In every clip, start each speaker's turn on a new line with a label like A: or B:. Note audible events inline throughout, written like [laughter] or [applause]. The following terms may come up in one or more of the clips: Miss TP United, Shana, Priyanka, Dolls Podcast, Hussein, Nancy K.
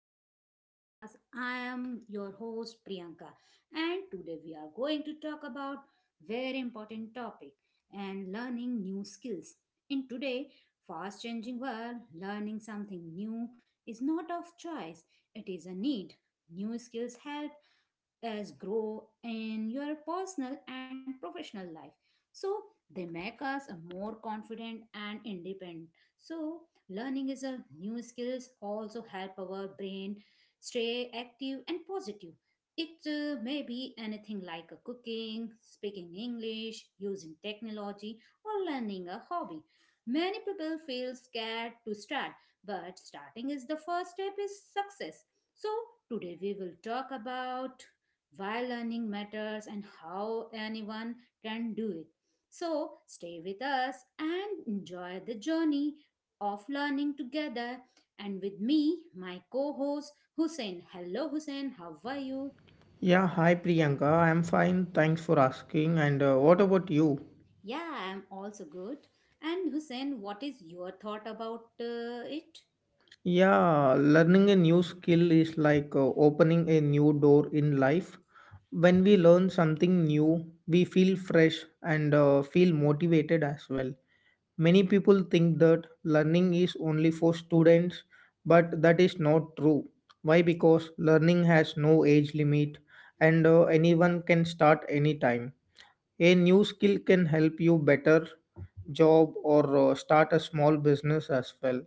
A: to our podcast. I am your host Priyanka, and today we are going to talk about very important topic and learning new skills. In today fast changing world, learning something new is not of choice, it is a need. New skills help us grow in your personal and professional life. So they make us a more confident and independent. So learning is a new skills also help our brain stay active and positive. It may be anything like a cooking, speaking English, using technology, or learning a hobby. Many people feel scared to start, but starting is the first step is success. So today we will talk about why learning matters and how anyone can do it. So, stay with us and enjoy the journey of learning together. And with me, my co host Hussein. Hello, Hussein, how are you?
B: Yeah, hi Priyanka. I'm fine. Thanks for asking. And what about you?
A: Yeah, I'm also good. And Hussein, what is your thought about it?
B: Yeah, learning a new skill is like opening a new door in life. When we learn something new, we feel fresh and feel motivated as well. Many people think that learning is only for students, but that is not true. Why? Because learning has no age limit and anyone can start anytime. A new skill can help you better job or start a small business as well.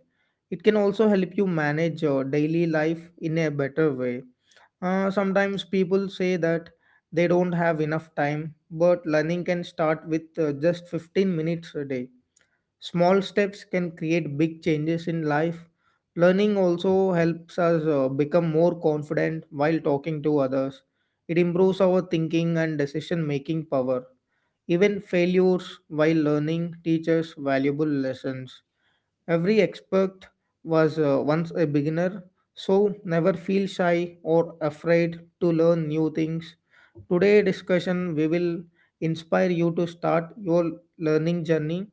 B: It can also help you manage your daily life in a better way. Sometimes people say that they don't have enough time, but learning can start with just 15 minutes a day. Small steps can create big changes in life. Learning also helps us become more confident while talking to others. It improves our thinking and decision making power. Even failures while learning teaches valuable lessons. Every expert was once a beginner, so never feel shy or afraid to learn new things. Today discussion we will inspire you to start your learning journey.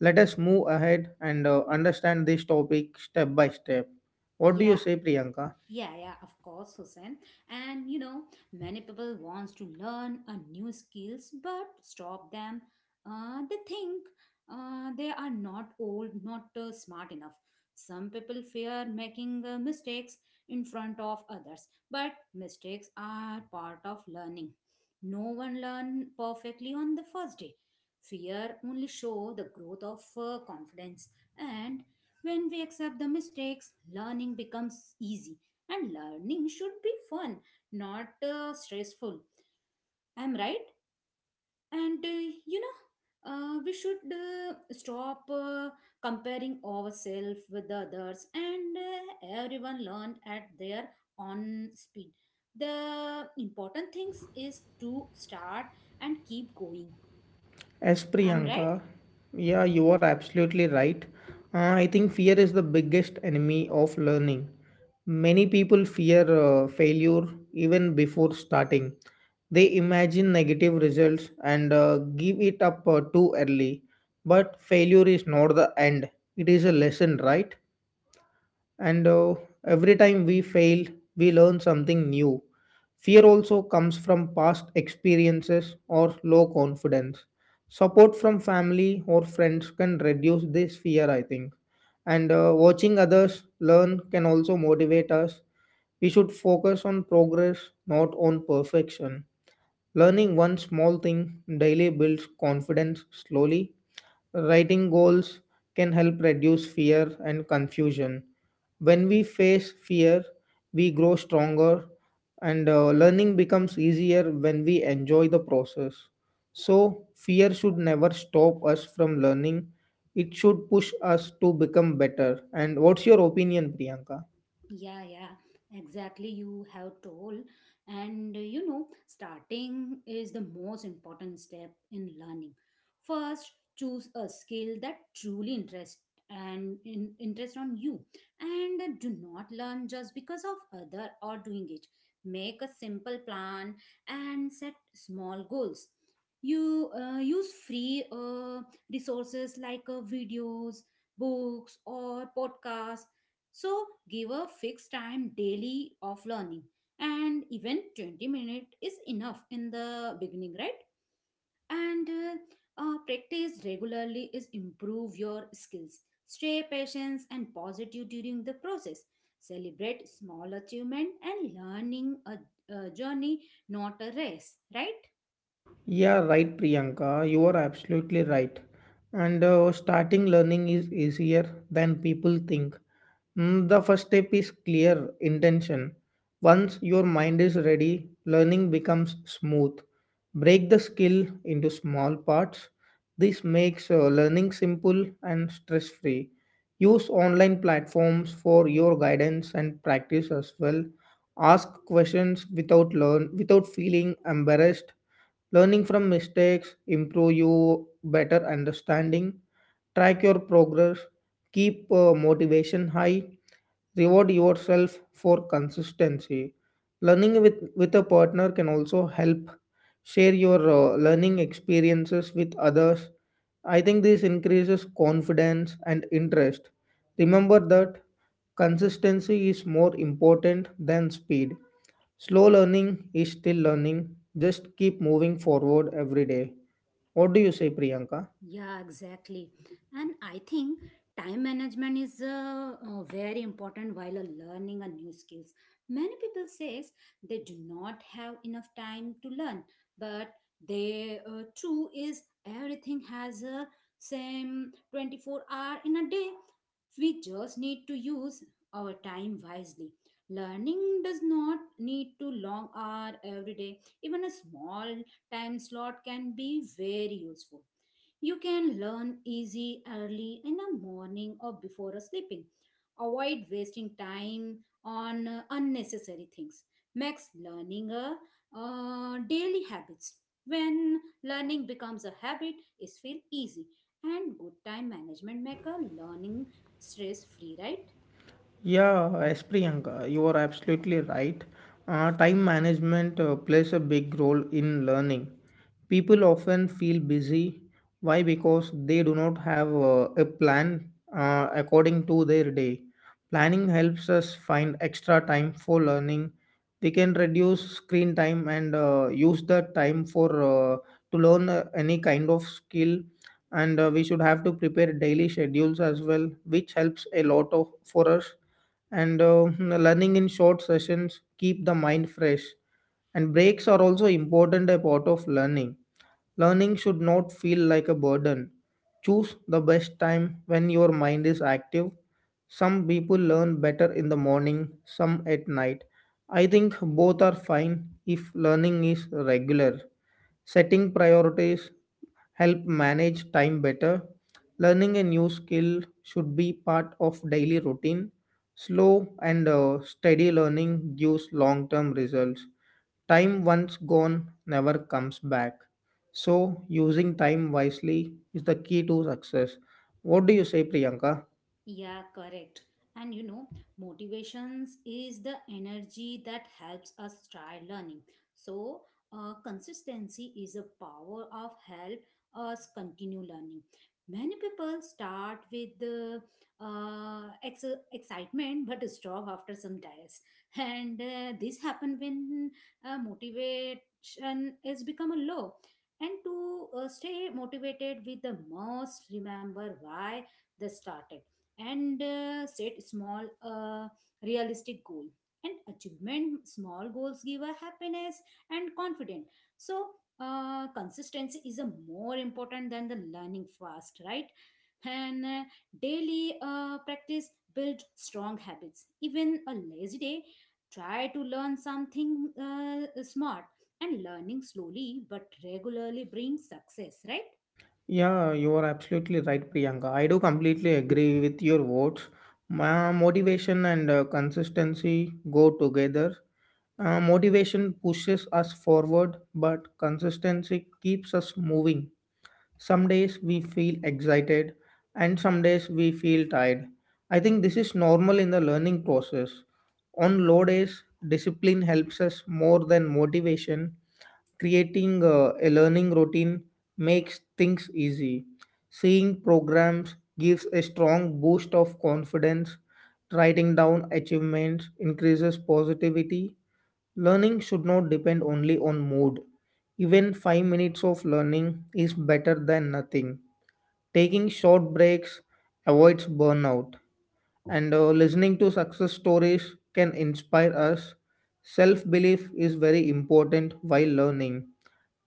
B: Let us move ahead and understand this topic step by step. What do you
A: Yeah,
B: say, Priyanka?
A: yeah, yeah, of course, Hussein. And you know, many people wants to learn a new skills, but stop them. They think they are not old, not smart enough. Some people fear making mistakes in front of others, but mistakes are part of learning. No one learn perfectly on the first day. Fear only show the growth of confidence, and when we accept the mistakes, learning becomes easy and learning should be fun, not stressful. I'm right. And you know, we should stop comparing ourselves with the others, and everyone learn at their own speed. The important things is to start and keep going.
B: As
A: I'm right.
B: Priyanka, yeah, you are absolutely right. I think fear is the biggest enemy of learning. Many people fear failure even before starting. They imagine negative results and give it up too early. But failure is not the end, it is a lesson, right? and Every time we fail, we learn something new. Fear also comes from past experiences or low confidence. Support from family or friends can reduce this fear, I think, and watching others learn can also motivate us. We should focus on progress, not on perfection. Learning one small thing daily builds confidence slowly. Writing goals can help reduce fear and confusion. When we face fear, we grow stronger and learning becomes easier when we enjoy the process. So, fear should never stop us from learning. It should push us to become better. And what's your opinion, Priyanka?
A: Yeah, yeah, exactly. You have told, and you know, starting is the most important step in learning. First, choose a skill that truly interest interest on you, and do not learn just because of other or doing it. Make a simple plan and set small goals. You use free resources like videos, books, or podcasts so give a fixed time daily of learning and even 20 minutes is enough in the beginning, right? And practice regularly is improve your skills. Stay patient and positive during the process. Celebrate small achievement and learning a journey, not a race, right?
B: Yeah, right, Priyanka. You are absolutely right. And starting learning is easier than people think. Mm, the first step is clear intention. Once your mind is ready, learning becomes smooth. Break the skill into small parts. This makes learning simple and stress free. Use online platforms for your guidance and practice as well. Ask questions without learn without feeling embarrassed. Learning from mistakes improve you better understanding, track your progress, keep motivation high, reward yourself for consistency. Learning with a partner can also help, share your learning experiences with others. I think this increases confidence and interest. Remember that consistency is more important than speed. Slow learning is still learning. Just keep moving forward every day. What do you say, Priyanka?
A: Yeah, exactly. And I think time management is very important while learning a new skills. Many people says they do not have enough time to learn, but they true is everything has a same 24 hour in a day. We just need to use our time wisely. Learning does not need to long hour every day. Even a small time slot can be very useful you can learn easy early in the morning or before a sleeping. Avoid wasting time on unnecessary things. Makes learning a daily habits. When learning becomes a habit, it feels easy and good time management make a learning stress free, right?
B: Yeah, as Priyanka, you are absolutely right. Time management plays a big role in learning. People often feel busy. Why? Because they do not have a plan according to their day. Planning helps us find extra time for learning. We can reduce screen time and use that time for to learn any kind of skill, and we should have to prepare daily schedules as well, which helps a lot of for us, learning in short sessions keep the mind fresh, and breaks are also important a part of learning. Learning should not feel like a burden. Choose the best time when your mind is active. Some people learn better in the morning, some at night. I think both are fine if learning is regular. Setting priorities help manage time better. Learning a new skill should be part of daily routine. Slow and steady learning gives long term results. Time once gone never comes back. So, using time wisely is the key to success. What do you say, Priyanka?
A: Yeah, correct. And you know, motivations is the energy that helps us try learning. So, consistency is a power of help us continue learning. Many people start with the uh, ex- excitement but stop after some days, and this happen when motivation is become a low. And to stay motivated, with the most remember why they started and set small realistic goal and achievement small goals give a happiness and confidence so consistency is a more important than the learning fast, right? And daily practice build strong habits even a lazy day try to learn something smart and learning slowly but regularly brings success, right?
B: Yeah, you are absolutely right, Priyanka. I do completely agree with your words. Motivation and consistency go together. Motivation pushes us forward, but consistency keeps us moving. Some days we feel excited, and some days we feel tired. I think this is normal in the learning process. On low days, discipline helps us more than motivation. Creating a learning routine makes things easy. Seeing programs gives a strong boost of confidence. Writing down achievements increases positivity. Learning should not depend only on mood. Even 5 minutes of learning is better than nothing. Taking short breaks avoids burnout, and listening to success stories can inspire us. Self belief is very important while learning.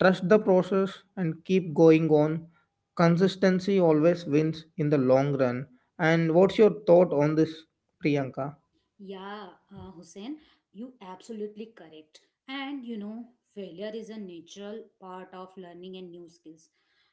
B: Trust the process and keep going on. Consistency always wins in the long run. And what's your thought on this, Priyanka?
A: Yeah, Hussein, you absolutely correct. And you know, failure is a natural part of learning and new skills.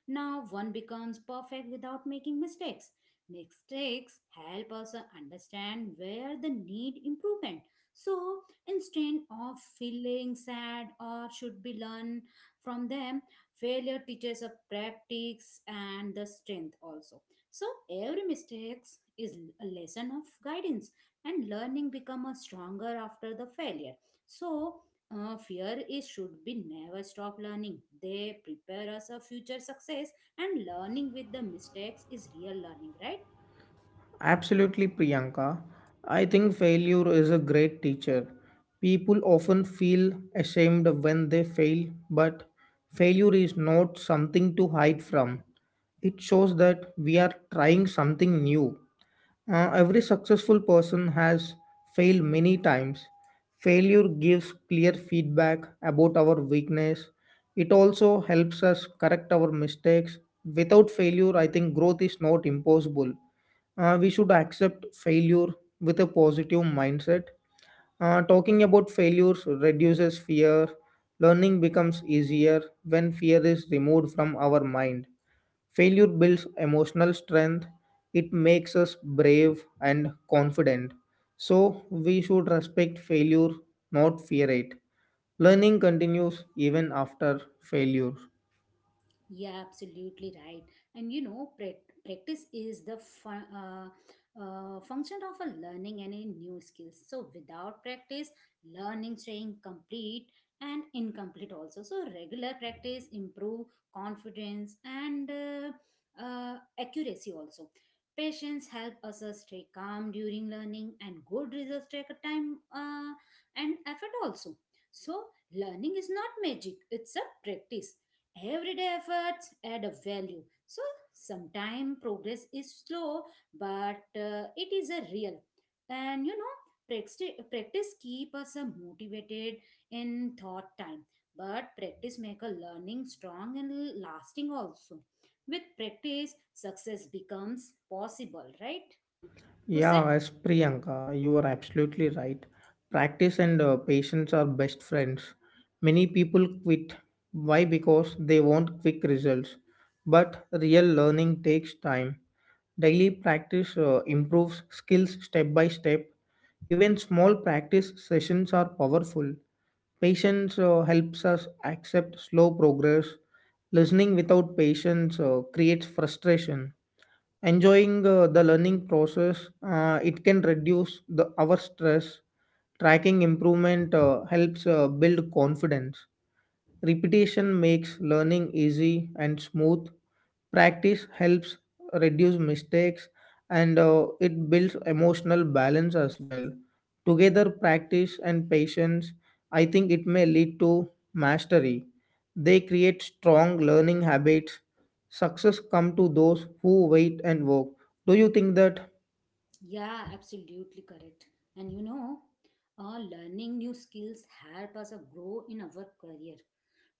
A: Now, one becomes perfect without making mistakes. Mistakes help us understand where the need improvement. So, instead of feeling sad or should be learned from them, failure teaches us practice and the strength also. So, every mistakes is a lesson of guidance and learning become a stronger after the failure so fear is should be never stop learning they prepare us a future success and learning with the mistakes is real learning, right?
B: Absolutely, Priyanka. I think failure is a great teacher. People often feel ashamed when they fail, but failure is not something to hide from. It shows that we are trying something new. Every successful person has failed many times. Failure gives clear feedback about our weakness. It also helps us correct our mistakes. Without failure, I think growth is not impossible. We should accept failure with a positive mindset. Talking about failures reduces fear. Learning becomes easier when fear is removed from our mind. Failure builds emotional strength, it makes us brave and confident. So, we should respect failure, not fear it. Learning continues even after failure.
A: Yeah, absolutely right. And you know, practice is the fun, function of a learning any new skills. So without practice, learning staying complete and incomplete also. So regular practice improve confidence and accuracy also. Patience help us stay calm during learning and good results take a time and effort also. So learning is not magic; it's a practice everyday efforts add a value so sometimes progress is slow but it is a real and you know practice, practice keep us motivated in thought time but practice make a learning strong and lasting also with practice success becomes possible, right Hussein?
B: Yeah, as Priyanka, you are absolutely right. Practice and patience are best friends. Many people quit. Why? Because they want quick results. But real learning takes time. Daily practice improves skills step by step. Even small practice sessions are powerful. Patience helps us accept slow progress. Listening without patience creates frustration. Enjoying the learning process, it can reduce the our stress. Tracking improvement helps build confidence. Repetition makes learning easy and smooth. Practice helps reduce mistakes and it builds emotional balance as well. Together, practice and patience, I think it may lead to mastery. They create strong learning habits. Success come to those who wait and work. Do you think that
A: Yeah, absolutely correct. And you know, learning new skills help us grow in our career.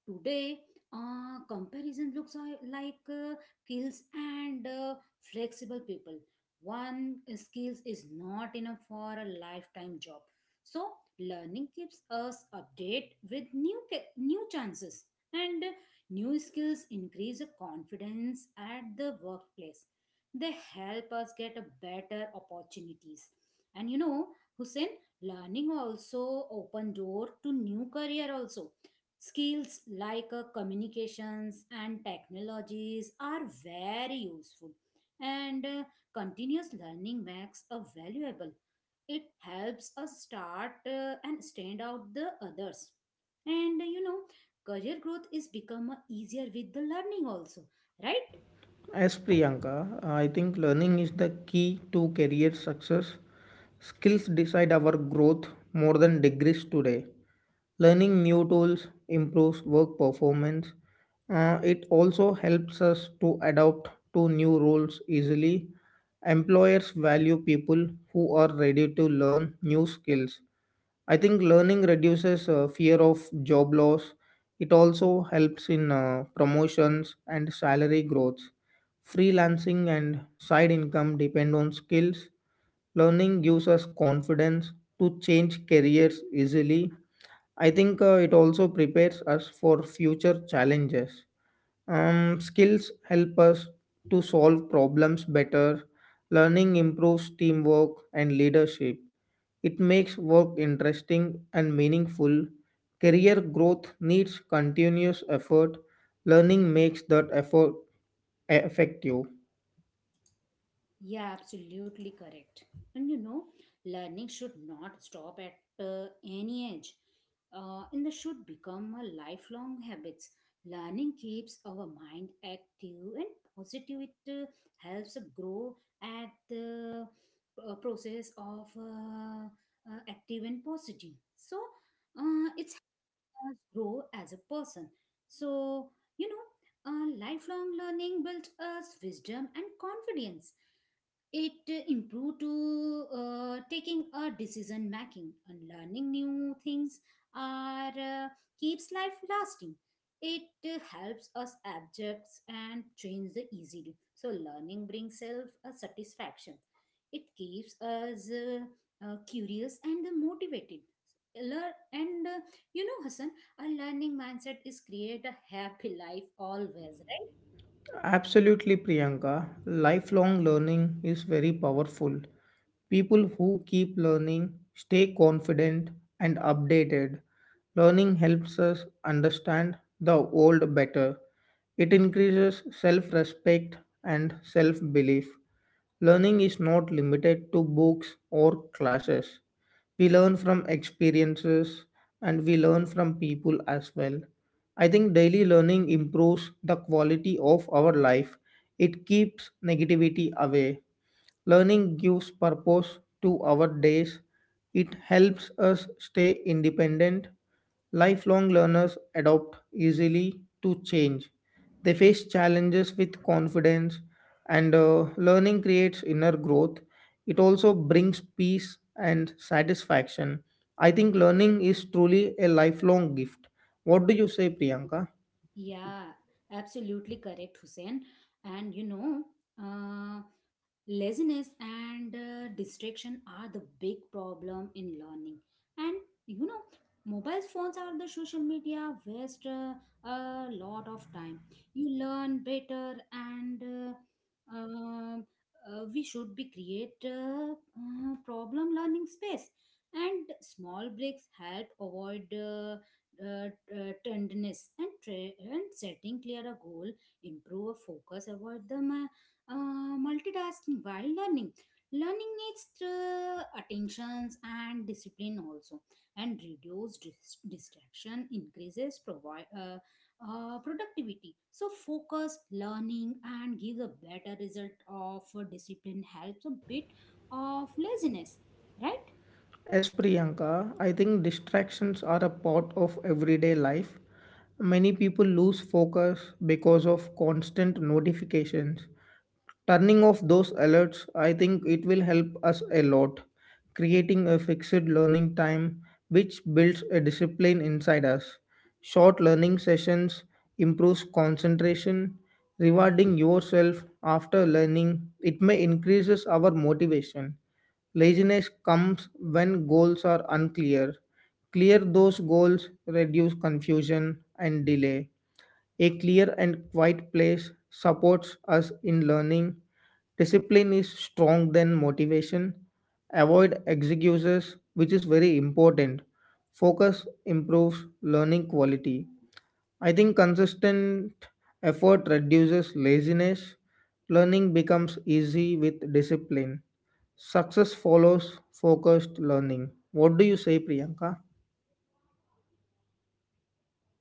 A: Today, comparison looks are like skills and flexible people. One skills is not enough for a lifetime job. So, learning keeps us update with new chances and new skills increase the confidence at the workplace. They help us get a better opportunities. And you know, Hussein, learning also open door to new career also. Skills like communications and technologies are very useful, and continuous learning makes a valuable. It helps us start and stand out the others. And you know, career growth is become easier with the learning also, right?
B: as Priyanka, I think learning is the key to career success. Skills decide our growth more than degrees today. Learning new tools improves work performance. It also helps us to adapt to new roles easily. Employers value people who are ready to learn new skills. I think learning reduces fear of job loss. It also helps in promotions and salary growth. Freelancing and side income depend on skills. Learning gives us confidence to change careers easily. I think it also prepares us for future challenges. Skills help us to solve problems better. Learning improves teamwork and leadership. It makes work interesting and meaningful. Career growth needs continuous effort. Learning makes that effort effective.
A: Yeah, absolutely correct. And you know, learning should not stop at any age. And they should become a lifelong habits. Learning keeps our mind active and positive. It helps grow at the process of active and positive. So it's us grow as a person. So, you know, lifelong learning built us wisdom and confidence. It improved to taking a decision making and learning new things are keeps life lasting. It helps us adjust and change the easily. So learning brings self a satisfaction. It keeps us curious and motivated. Learn and you know, Hassan, a learning mindset is create a happy life always, right?
B: Absolutely, Priyanka. Lifelong learning is very powerful. People who keep learning stay confident and updated. Learning helps us understand the world better. It increases self respect and self belief. Learning is not limited to books or classes. We learn from experiences and we learn from people as well. I think daily learning improves the quality of our life. It keeps negativity away. Learning gives purpose to our days. It helps us stay independent. Lifelong learners adopt easily to change. They face challenges with confidence, and learning creates inner growth. It also brings peace and satisfaction. I think learning is truly a lifelong gift. What do you say, Priyanka?
A: Yeah, absolutely correct, Hussein. And you know, uh, laziness and distraction are the big problem in learning. And you know, mobile phones are the social media waste a lot of time. You learn better, and um, we should be create problem learning space. And small breaks help avoid. Uh, Tenderness and setting clear a goal improve a focus avoid the multitasking while learning learning needs attentions and discipline also and reduce distraction increases provide productivity so focus learning and give a better result of discipline helps a bit of laziness, right?
B: As Priyanka, I think distractions are a part of everyday life. Many people lose focus because of constant notifications. Turning off those alerts, I think it will help us a lot, creating a fixed learning time which builds a discipline inside us. Short learning sessions improves concentration, rewarding yourself after learning, it may increases our motivation. Laziness comes when goals are unclear. Clear those goals, reduce confusion and delay. A clear and quiet place supports us in learning. Discipline is strong than motivation. Avoid excuses, which is very important. Focus improves learning quality. I think consistent effort reduces laziness. Learning becomes easy with discipline. Success follows focused learning. What do you say, Priyanka?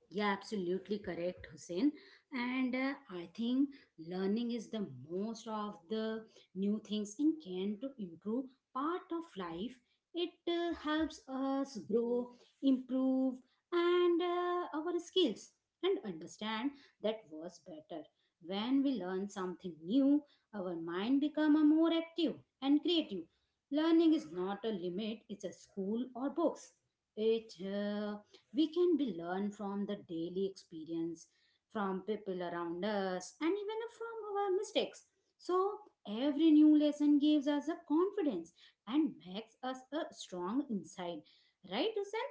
A: Yeah, absolutely correct, Hussein. And I think learning is the most of the new things in can to improve part of life. It helps us grow, improve, and our skills and understand that was better. When we learn something new, our mind become a more active and creative. Learning is not a limit; it's a school or books. It we can be learn from the daily experience from people around us and even from our mistakes so every new lesson gives us a confidence and makes us a strong inside, right Usen?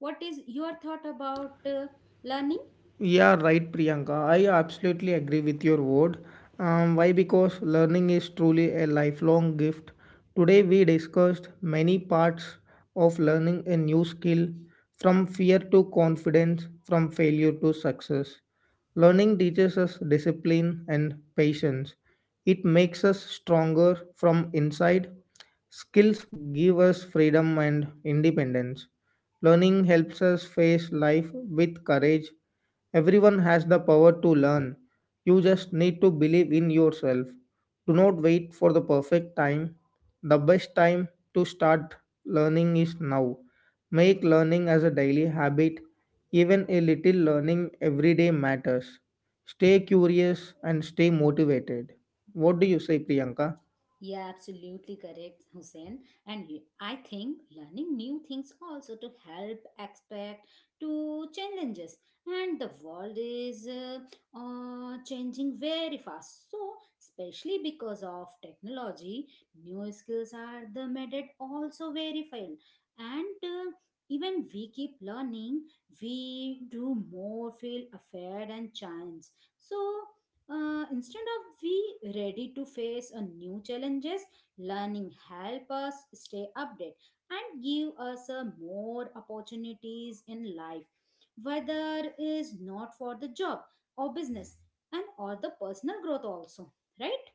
A: What is your thought about learning?
B: Yeah, right, Priyanka. I absolutely agree with your word. Why? Because learning is truly a lifelong gift. Today, we discussed many parts of learning a new skill, from fear to confidence, from failure to success. Learning teaches us discipline and patience. It makes us stronger from inside. Skills give us freedom and independence. Learning helps us face life with courage. Everyone has the power to learn. You just need to believe in yourself. Do not wait for the perfect time. The best time to start learning is now. Make learning as a daily habit. Even a little learning every day matters. Stay curious and stay motivated. What do you say, Priyanka?
A: Yeah, absolutely correct, Hussein. And you- I think learning new things also to help expect to challenges. And the world is changing very fast. So, especially because of technology, new skills are the method also very fine. And even we keep learning, we do more feel afraid and challenge. So. Instead of we ready to face a new challenges learning help us stay update and give us a more opportunities in life whether is not for the job or business and or the personal growth also, right?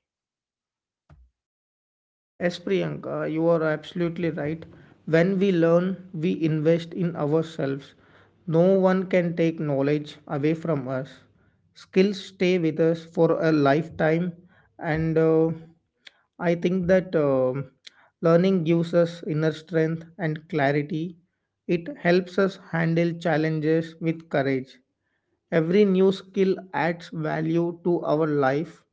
B: Yes, Priyanka, you are absolutely right. When we learn, we invest in ourselves. No one can take knowledge away from us. Skills stay with us for a lifetime, and I think that learning gives us inner strength and clarity. It helps us handle challenges with courage. Every new skill adds value to our life.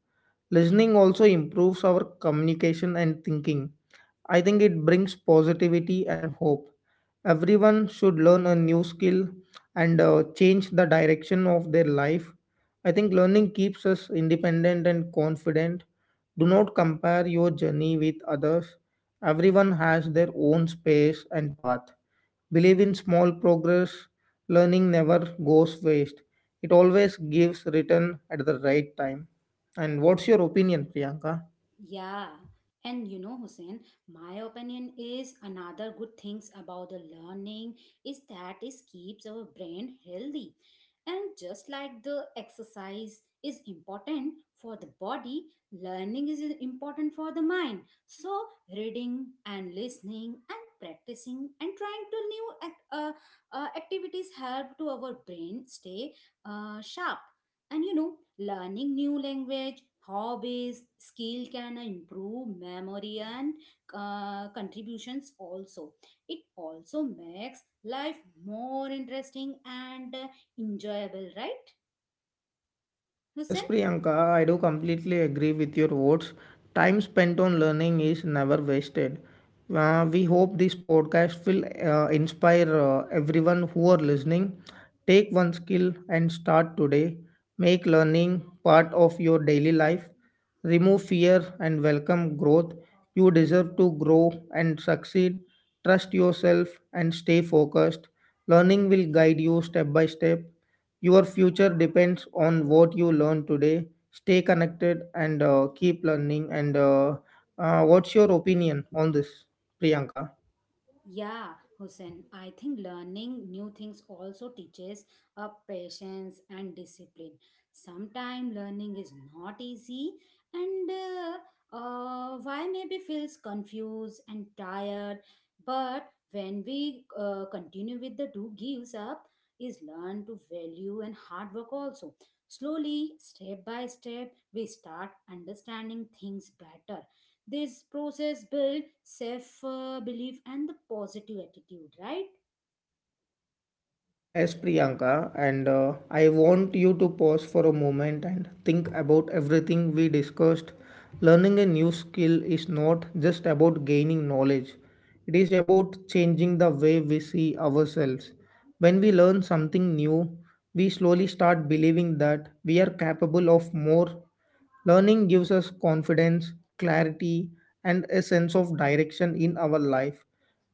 B: Listening also improves our communication and thinking. I think it brings positivity and hope. Everyone should learn a new skill and change the direction of their life. I think learning keeps us independent and confident. Do not compare your journey with others. Everyone has their own space and path. Believe in small progress. Learning never goes waste. It always gives return at the right time. And what's your opinion, Priyanka?
A: Yeah, and you know, Hussein, my opinion is another good things about the learning is that it keeps our brain healthy. And just like the exercise is important for the body, learning is important for the mind. So, reading and listening and practicing and trying to new activities help to our brain stay sharp and you know, learning new language, hobbies, skill can improve memory and contributions also. It also makes life more interesting and enjoyable, right,
B: As
A: Hussein?
B: Priyanka, I do completely agree with your words. Time spent on learning is never wasted. We hope this podcast will inspire everyone who are listening. Take one skill and start today. Make learning part of your daily life. Remove fear and welcome growth. You deserve to grow and succeed. Trust yourself and stay focused. Learning will guide you step by step. Your future depends on what you learn today. Stay connected and keep learning. And What's your opinion on this, Priyanka?
A: Yeah, Hussein, I think learning new things also teaches a patience and discipline. Sometimes learning is not easy, and why maybe feels confused and tired. But when we continue with the do gives up, is learn to value and hard work also. Slowly, step by step, we start understanding things better. This process builds self belief and the positive attitude, right?
B: As Priyanka, and I want you to pause for a moment and think about everything we discussed. Learning a new skill is not just about gaining knowledge, it is about changing the way we see ourselves. When we learn something new, we slowly start believing that we are capable of more. Learning gives us confidence, clarity, and a sense of direction in our life.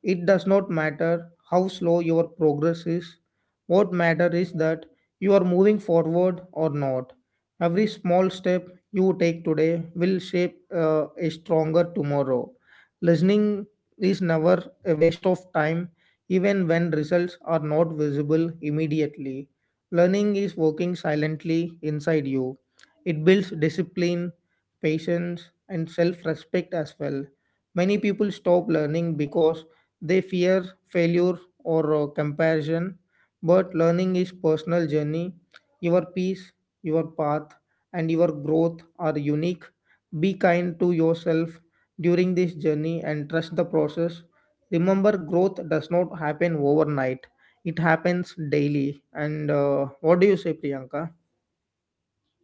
B: It does not matter how slow your progress is. What matters is that you are moving forward or not. Every small step you take today will shape a stronger tomorrow. Listening is never a waste of time, even when results are not visible immediately. Learning is working silently inside you. It builds discipline, patience, and self respect as well. Many people stop learning because they fear failure or comparison, but learning is personal journey. Your peace, your path, and your growth are unique. Be kind to yourself during this journey and trust the process. Remember, growth does not happen overnight. It happens daily. And What do you say, Priyanka?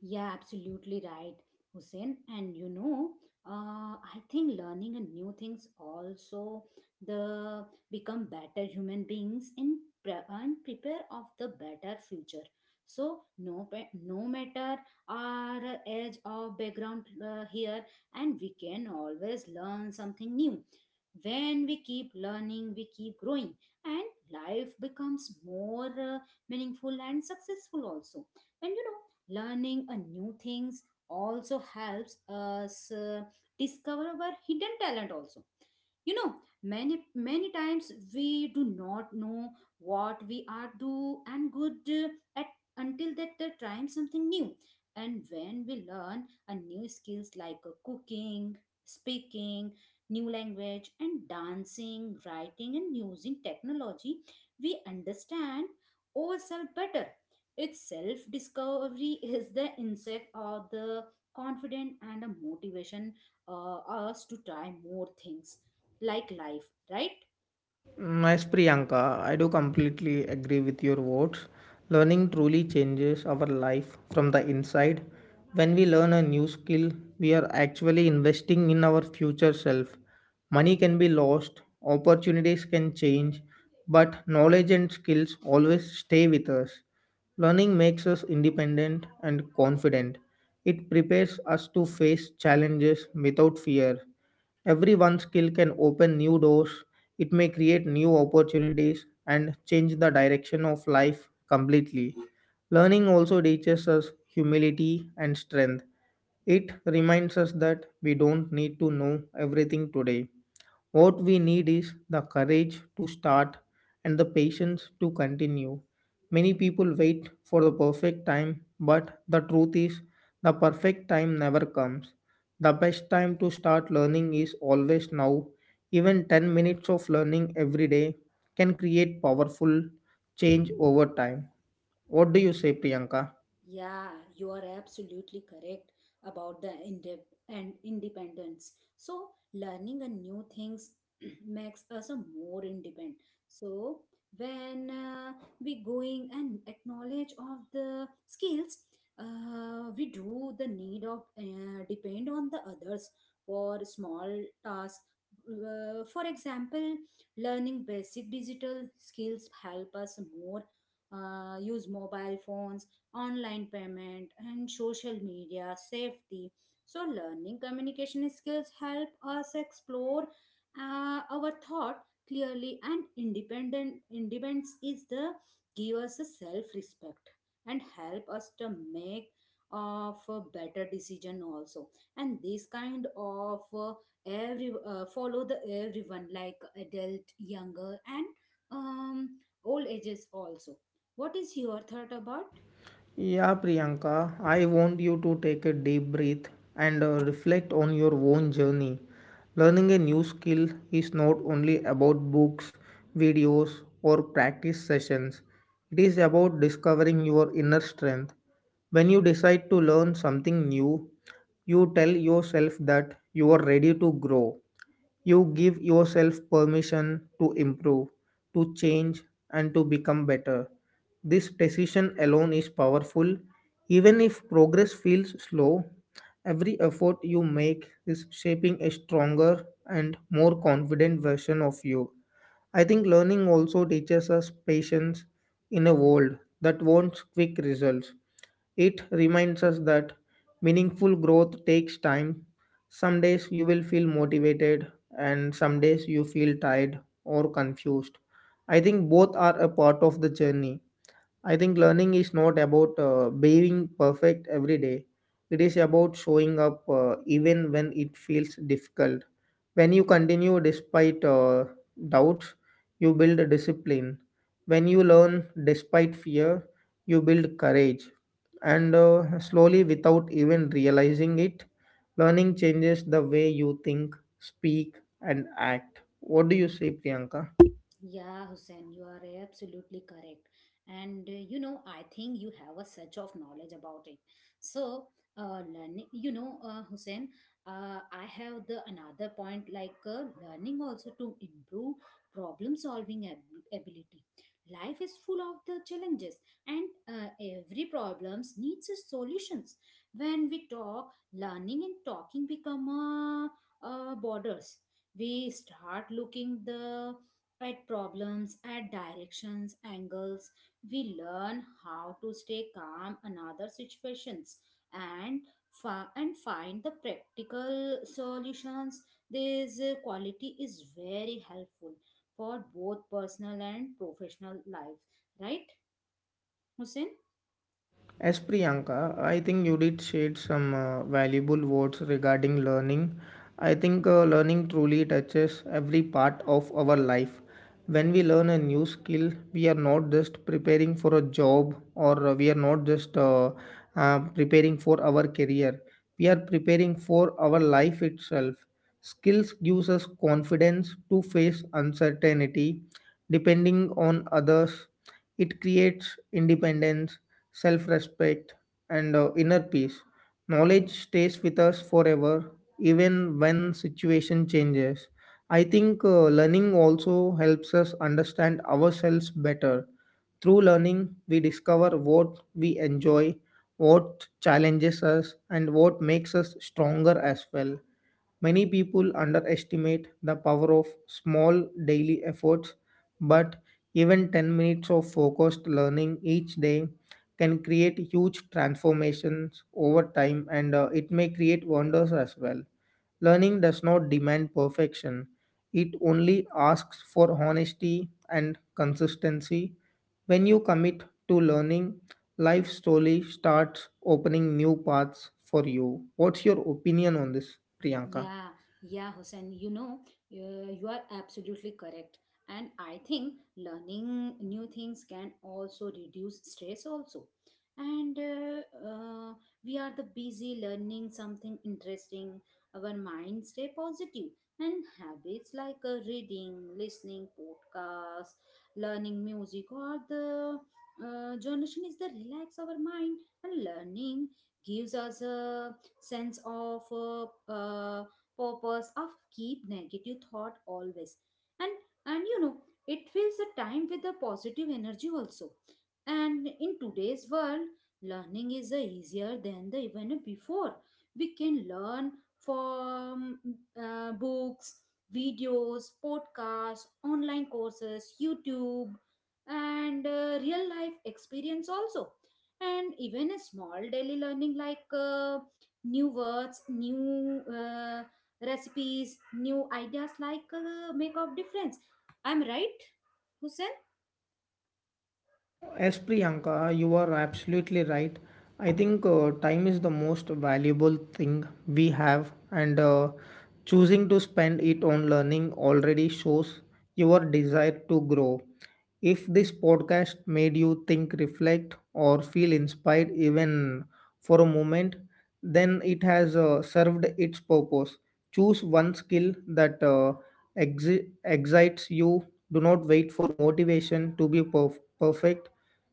A: Yeah, absolutely right, Hussein. And you know, I think learning a new things also the become better human beings in pre- and prepare of the better future. So no, no matter our age or background here, and we can always learn something new. When we keep learning, we keep growing, and life becomes more meaningful and successful also. And you know, learning a new things also helps us discover our hidden talent also. You know, many many times we do not know what we are do and good at until that they trying something new. And when we learn a new skills like cooking, speaking new language and dancing, writing and using technology, we understand ourselves better. Its self discovery is the insect or the confident and a motivation us to try more things like life, right?
B: Mm. As Priyanka, I do completely agree with your words. Learning truly changes our life from the inside. When we learn a new skill, we are actually investing in our future self. Money can be lost, opportunities can change, but knowledge and skills always stay with us. Learning makes us independent and confident. It prepares us to face challenges without fear. Every one skill can open new doors, it may create new opportunities and change the direction of life completely. Learning also teaches us humility and strength. It reminds us that we don't need to know everything today. What we need is the courage to start and the patience to continue. Many people wait for the perfect time, but the truth is, the perfect time never comes. The best time to start learning is always now. Even 10 minutes of learning every day can create powerful change over time. What do you say, Priyanka?
A: Yeah, you are absolutely correct about the indep- and independence. So learning a new things [clears throat] makes us a more independent. So when we going and acknowledge of the skills, we do the need of depend on the others for small tasks. For example, learning basic digital skills help us more use mobile phones, online payment and social media safety. So learning communication skills help us explore our thought clearly, and independent independence is the give us a self respect and help us to make of a better decision also. And this kind of every follow the everyone like adult, younger and um, old ages also. What is your thought about?
B: Yeah, Priyanka, I want you to take a deep breath and reflect on your own journey. Learning a new skill is not only about books, videos, or practice sessions, it is about discovering your inner strength. When you decide to learn something new, you tell yourself that you are ready to grow. You give yourself permission to improve, to change, and to become better. This decision alone is powerful. Even if progress feels slow, every effort you make is shaping a stronger and more confident version of you. I think learning also teaches us patience in a world that wants quick results. It reminds us that meaningful growth takes time. Some days you will feel motivated, and some days you feel tired or confused. I think both are a part of the journey. I think learning is not about being perfect every day. It is about showing up even when it feels difficult. When you continue despite doubts, you build discipline. When you learn despite fear, you build courage. And Slowly, without even realizing it, learning changes the way you think, speak, and act. What do you say, Priyanka?
A: Yeah, Hussein, you are absolutely correct. And you know, I think you have a such of knowledge about it. So, learning, you know, Hussein, I have the another point like learning also to improve problem solving ability. Life is full of the challenges, and every problems needs a solutions. When we talk, learning and talking become borders. We start looking the at problems, at directions, angles. We learn how to stay calm in other situations and and find the practical solutions. This quality is very helpful for both personal and professional life, right, Hussein?
B: As Priyanka, I think you did shed some valuable words regarding learning. I think learning truly touches every part of our life. When we learn a new skill, we are not just preparing for a job or we are not just preparing for our career. We are preparing for our life itself. Skills gives us confidence to face uncertainty, depending on others. It creates independence self respect, and inner peace. Knowledge stays with us forever, even when situation changes. I think learning also helps us understand ourselves better. Through learning, we discover what we enjoy, what challenges us, and what makes us stronger as well. Many people underestimate the power of small daily efforts, but even 10 minutes of focused learning each day can create huge transformations over time and it may create wonders as well. Learning does not demand perfection, it only asks for honesty and consistency. When you commit to learning, life slowly starts opening new paths for you. What's your opinion on this, Priyanka?
A: Yeah, yeah, Hussein, you know, you are absolutely correct. And I think learning new things can also reduce stress also. And we are the busy learning something interesting. Our mind stay positive, and habits like reading, listening, podcasts, learning music or the generation is the relax our mind. And learning gives us a sense of uh, purpose of keep negative thought always. and and you know, it fills the time with the positive energy also. And in today's world, learning is easier than the even before. We can learn from books, videos, podcasts, online courses, YouTube and real life experience also. And even a small daily learning like new words, new recipes, new ideas like make of difference, I'm right, Hussein?
B: Yes, Priyanka, you are absolutely right. I think time is the most valuable thing we have, and choosing to spend it on learning already shows your desire to grow. If this podcast made you think, reflect, or feel inspired even for a moment, then it has served its purpose. Choose one skill that excites you. Do not wait for motivation to be perfect.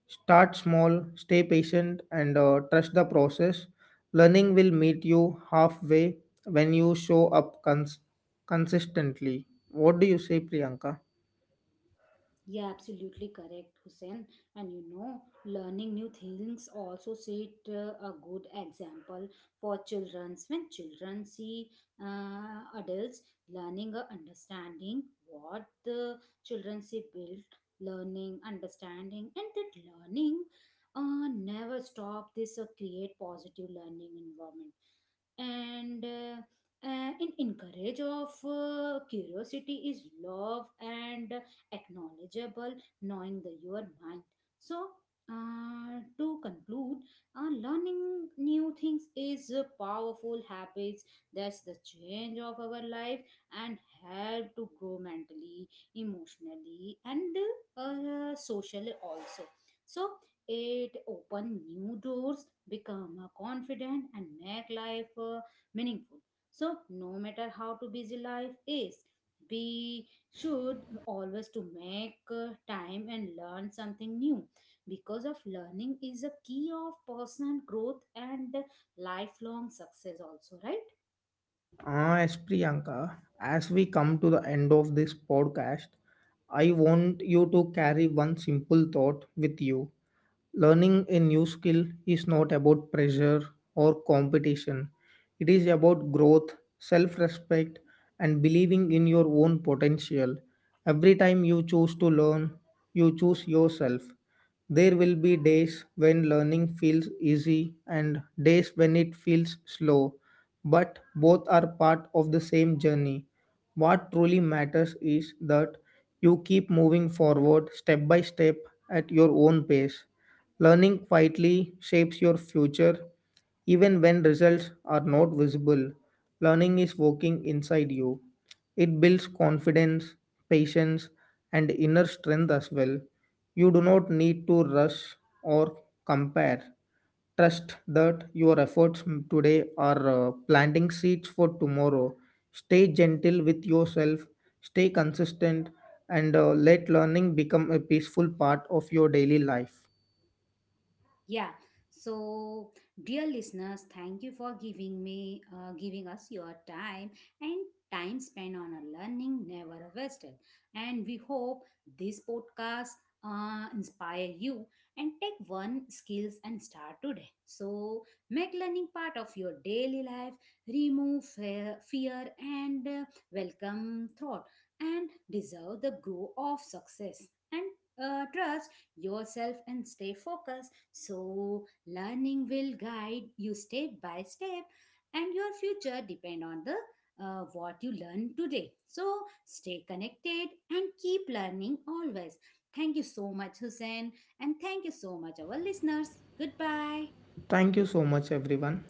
B: Start small, stay patient, and trust the process. Learning will meet you halfway when you show up consistently. What do you say, Priyanka?
A: Yeah, absolutely correct, Hussein. And you know, learning new things also set a good example for children. When children see adults learning or understanding what the children see, build learning, understanding, and that learning never stop. This create positive learning environment and in encourage of curiosity is love and acknowledgeable, knowing the your mind. So to conclude, learning new things is a powerful habits that's the change of our life and help to grow mentally, emotionally, and socially also. So it open new doors, become confident, and make life meaningful. So no matter how to busy life is, be should always to make time and learn something new, because of learning is a key of personal growth and lifelong success also, right?
B: Ah, yes, Priyanka, as we come to the end of this podcast, I want you to carry one simple thought with you. Learning a new skill is not about pressure or competition, it is about growth, self respect, and believing in your own potential. Every time you choose to learn, you choose yourself. There will be days when learning feels easy and days when it feels slow but both are part of the same journey. What truly matters is that you keep moving forward step by step at your own pace. Learning quietly shapes your future even when results are not visible. Learning is working inside you. It builds confidence, patience, and inner strength as well. You do not need to rush or compare. Trust that your efforts today are planting seeds for tomorrow. Stay gentle with yourself, stay consistent, and let learning become a peaceful part of your daily life.
A: Yeah. So, dear listeners, thank you for giving us your time, and time spent on a learning never wasted. And we hope this podcast inspire you and take one skills and start today. So, make learning part of your daily life, remove fear and welcome thought and deserve the grow of success. And trust yourself and stay focused. So, learning will guide you step by step, and your future depend on the what you learn today. So, stay connected and keep learning always. Thank you so much, Hussein, and thank you so much, our listeners. Goodbye.
B: Thank you so much, everyone.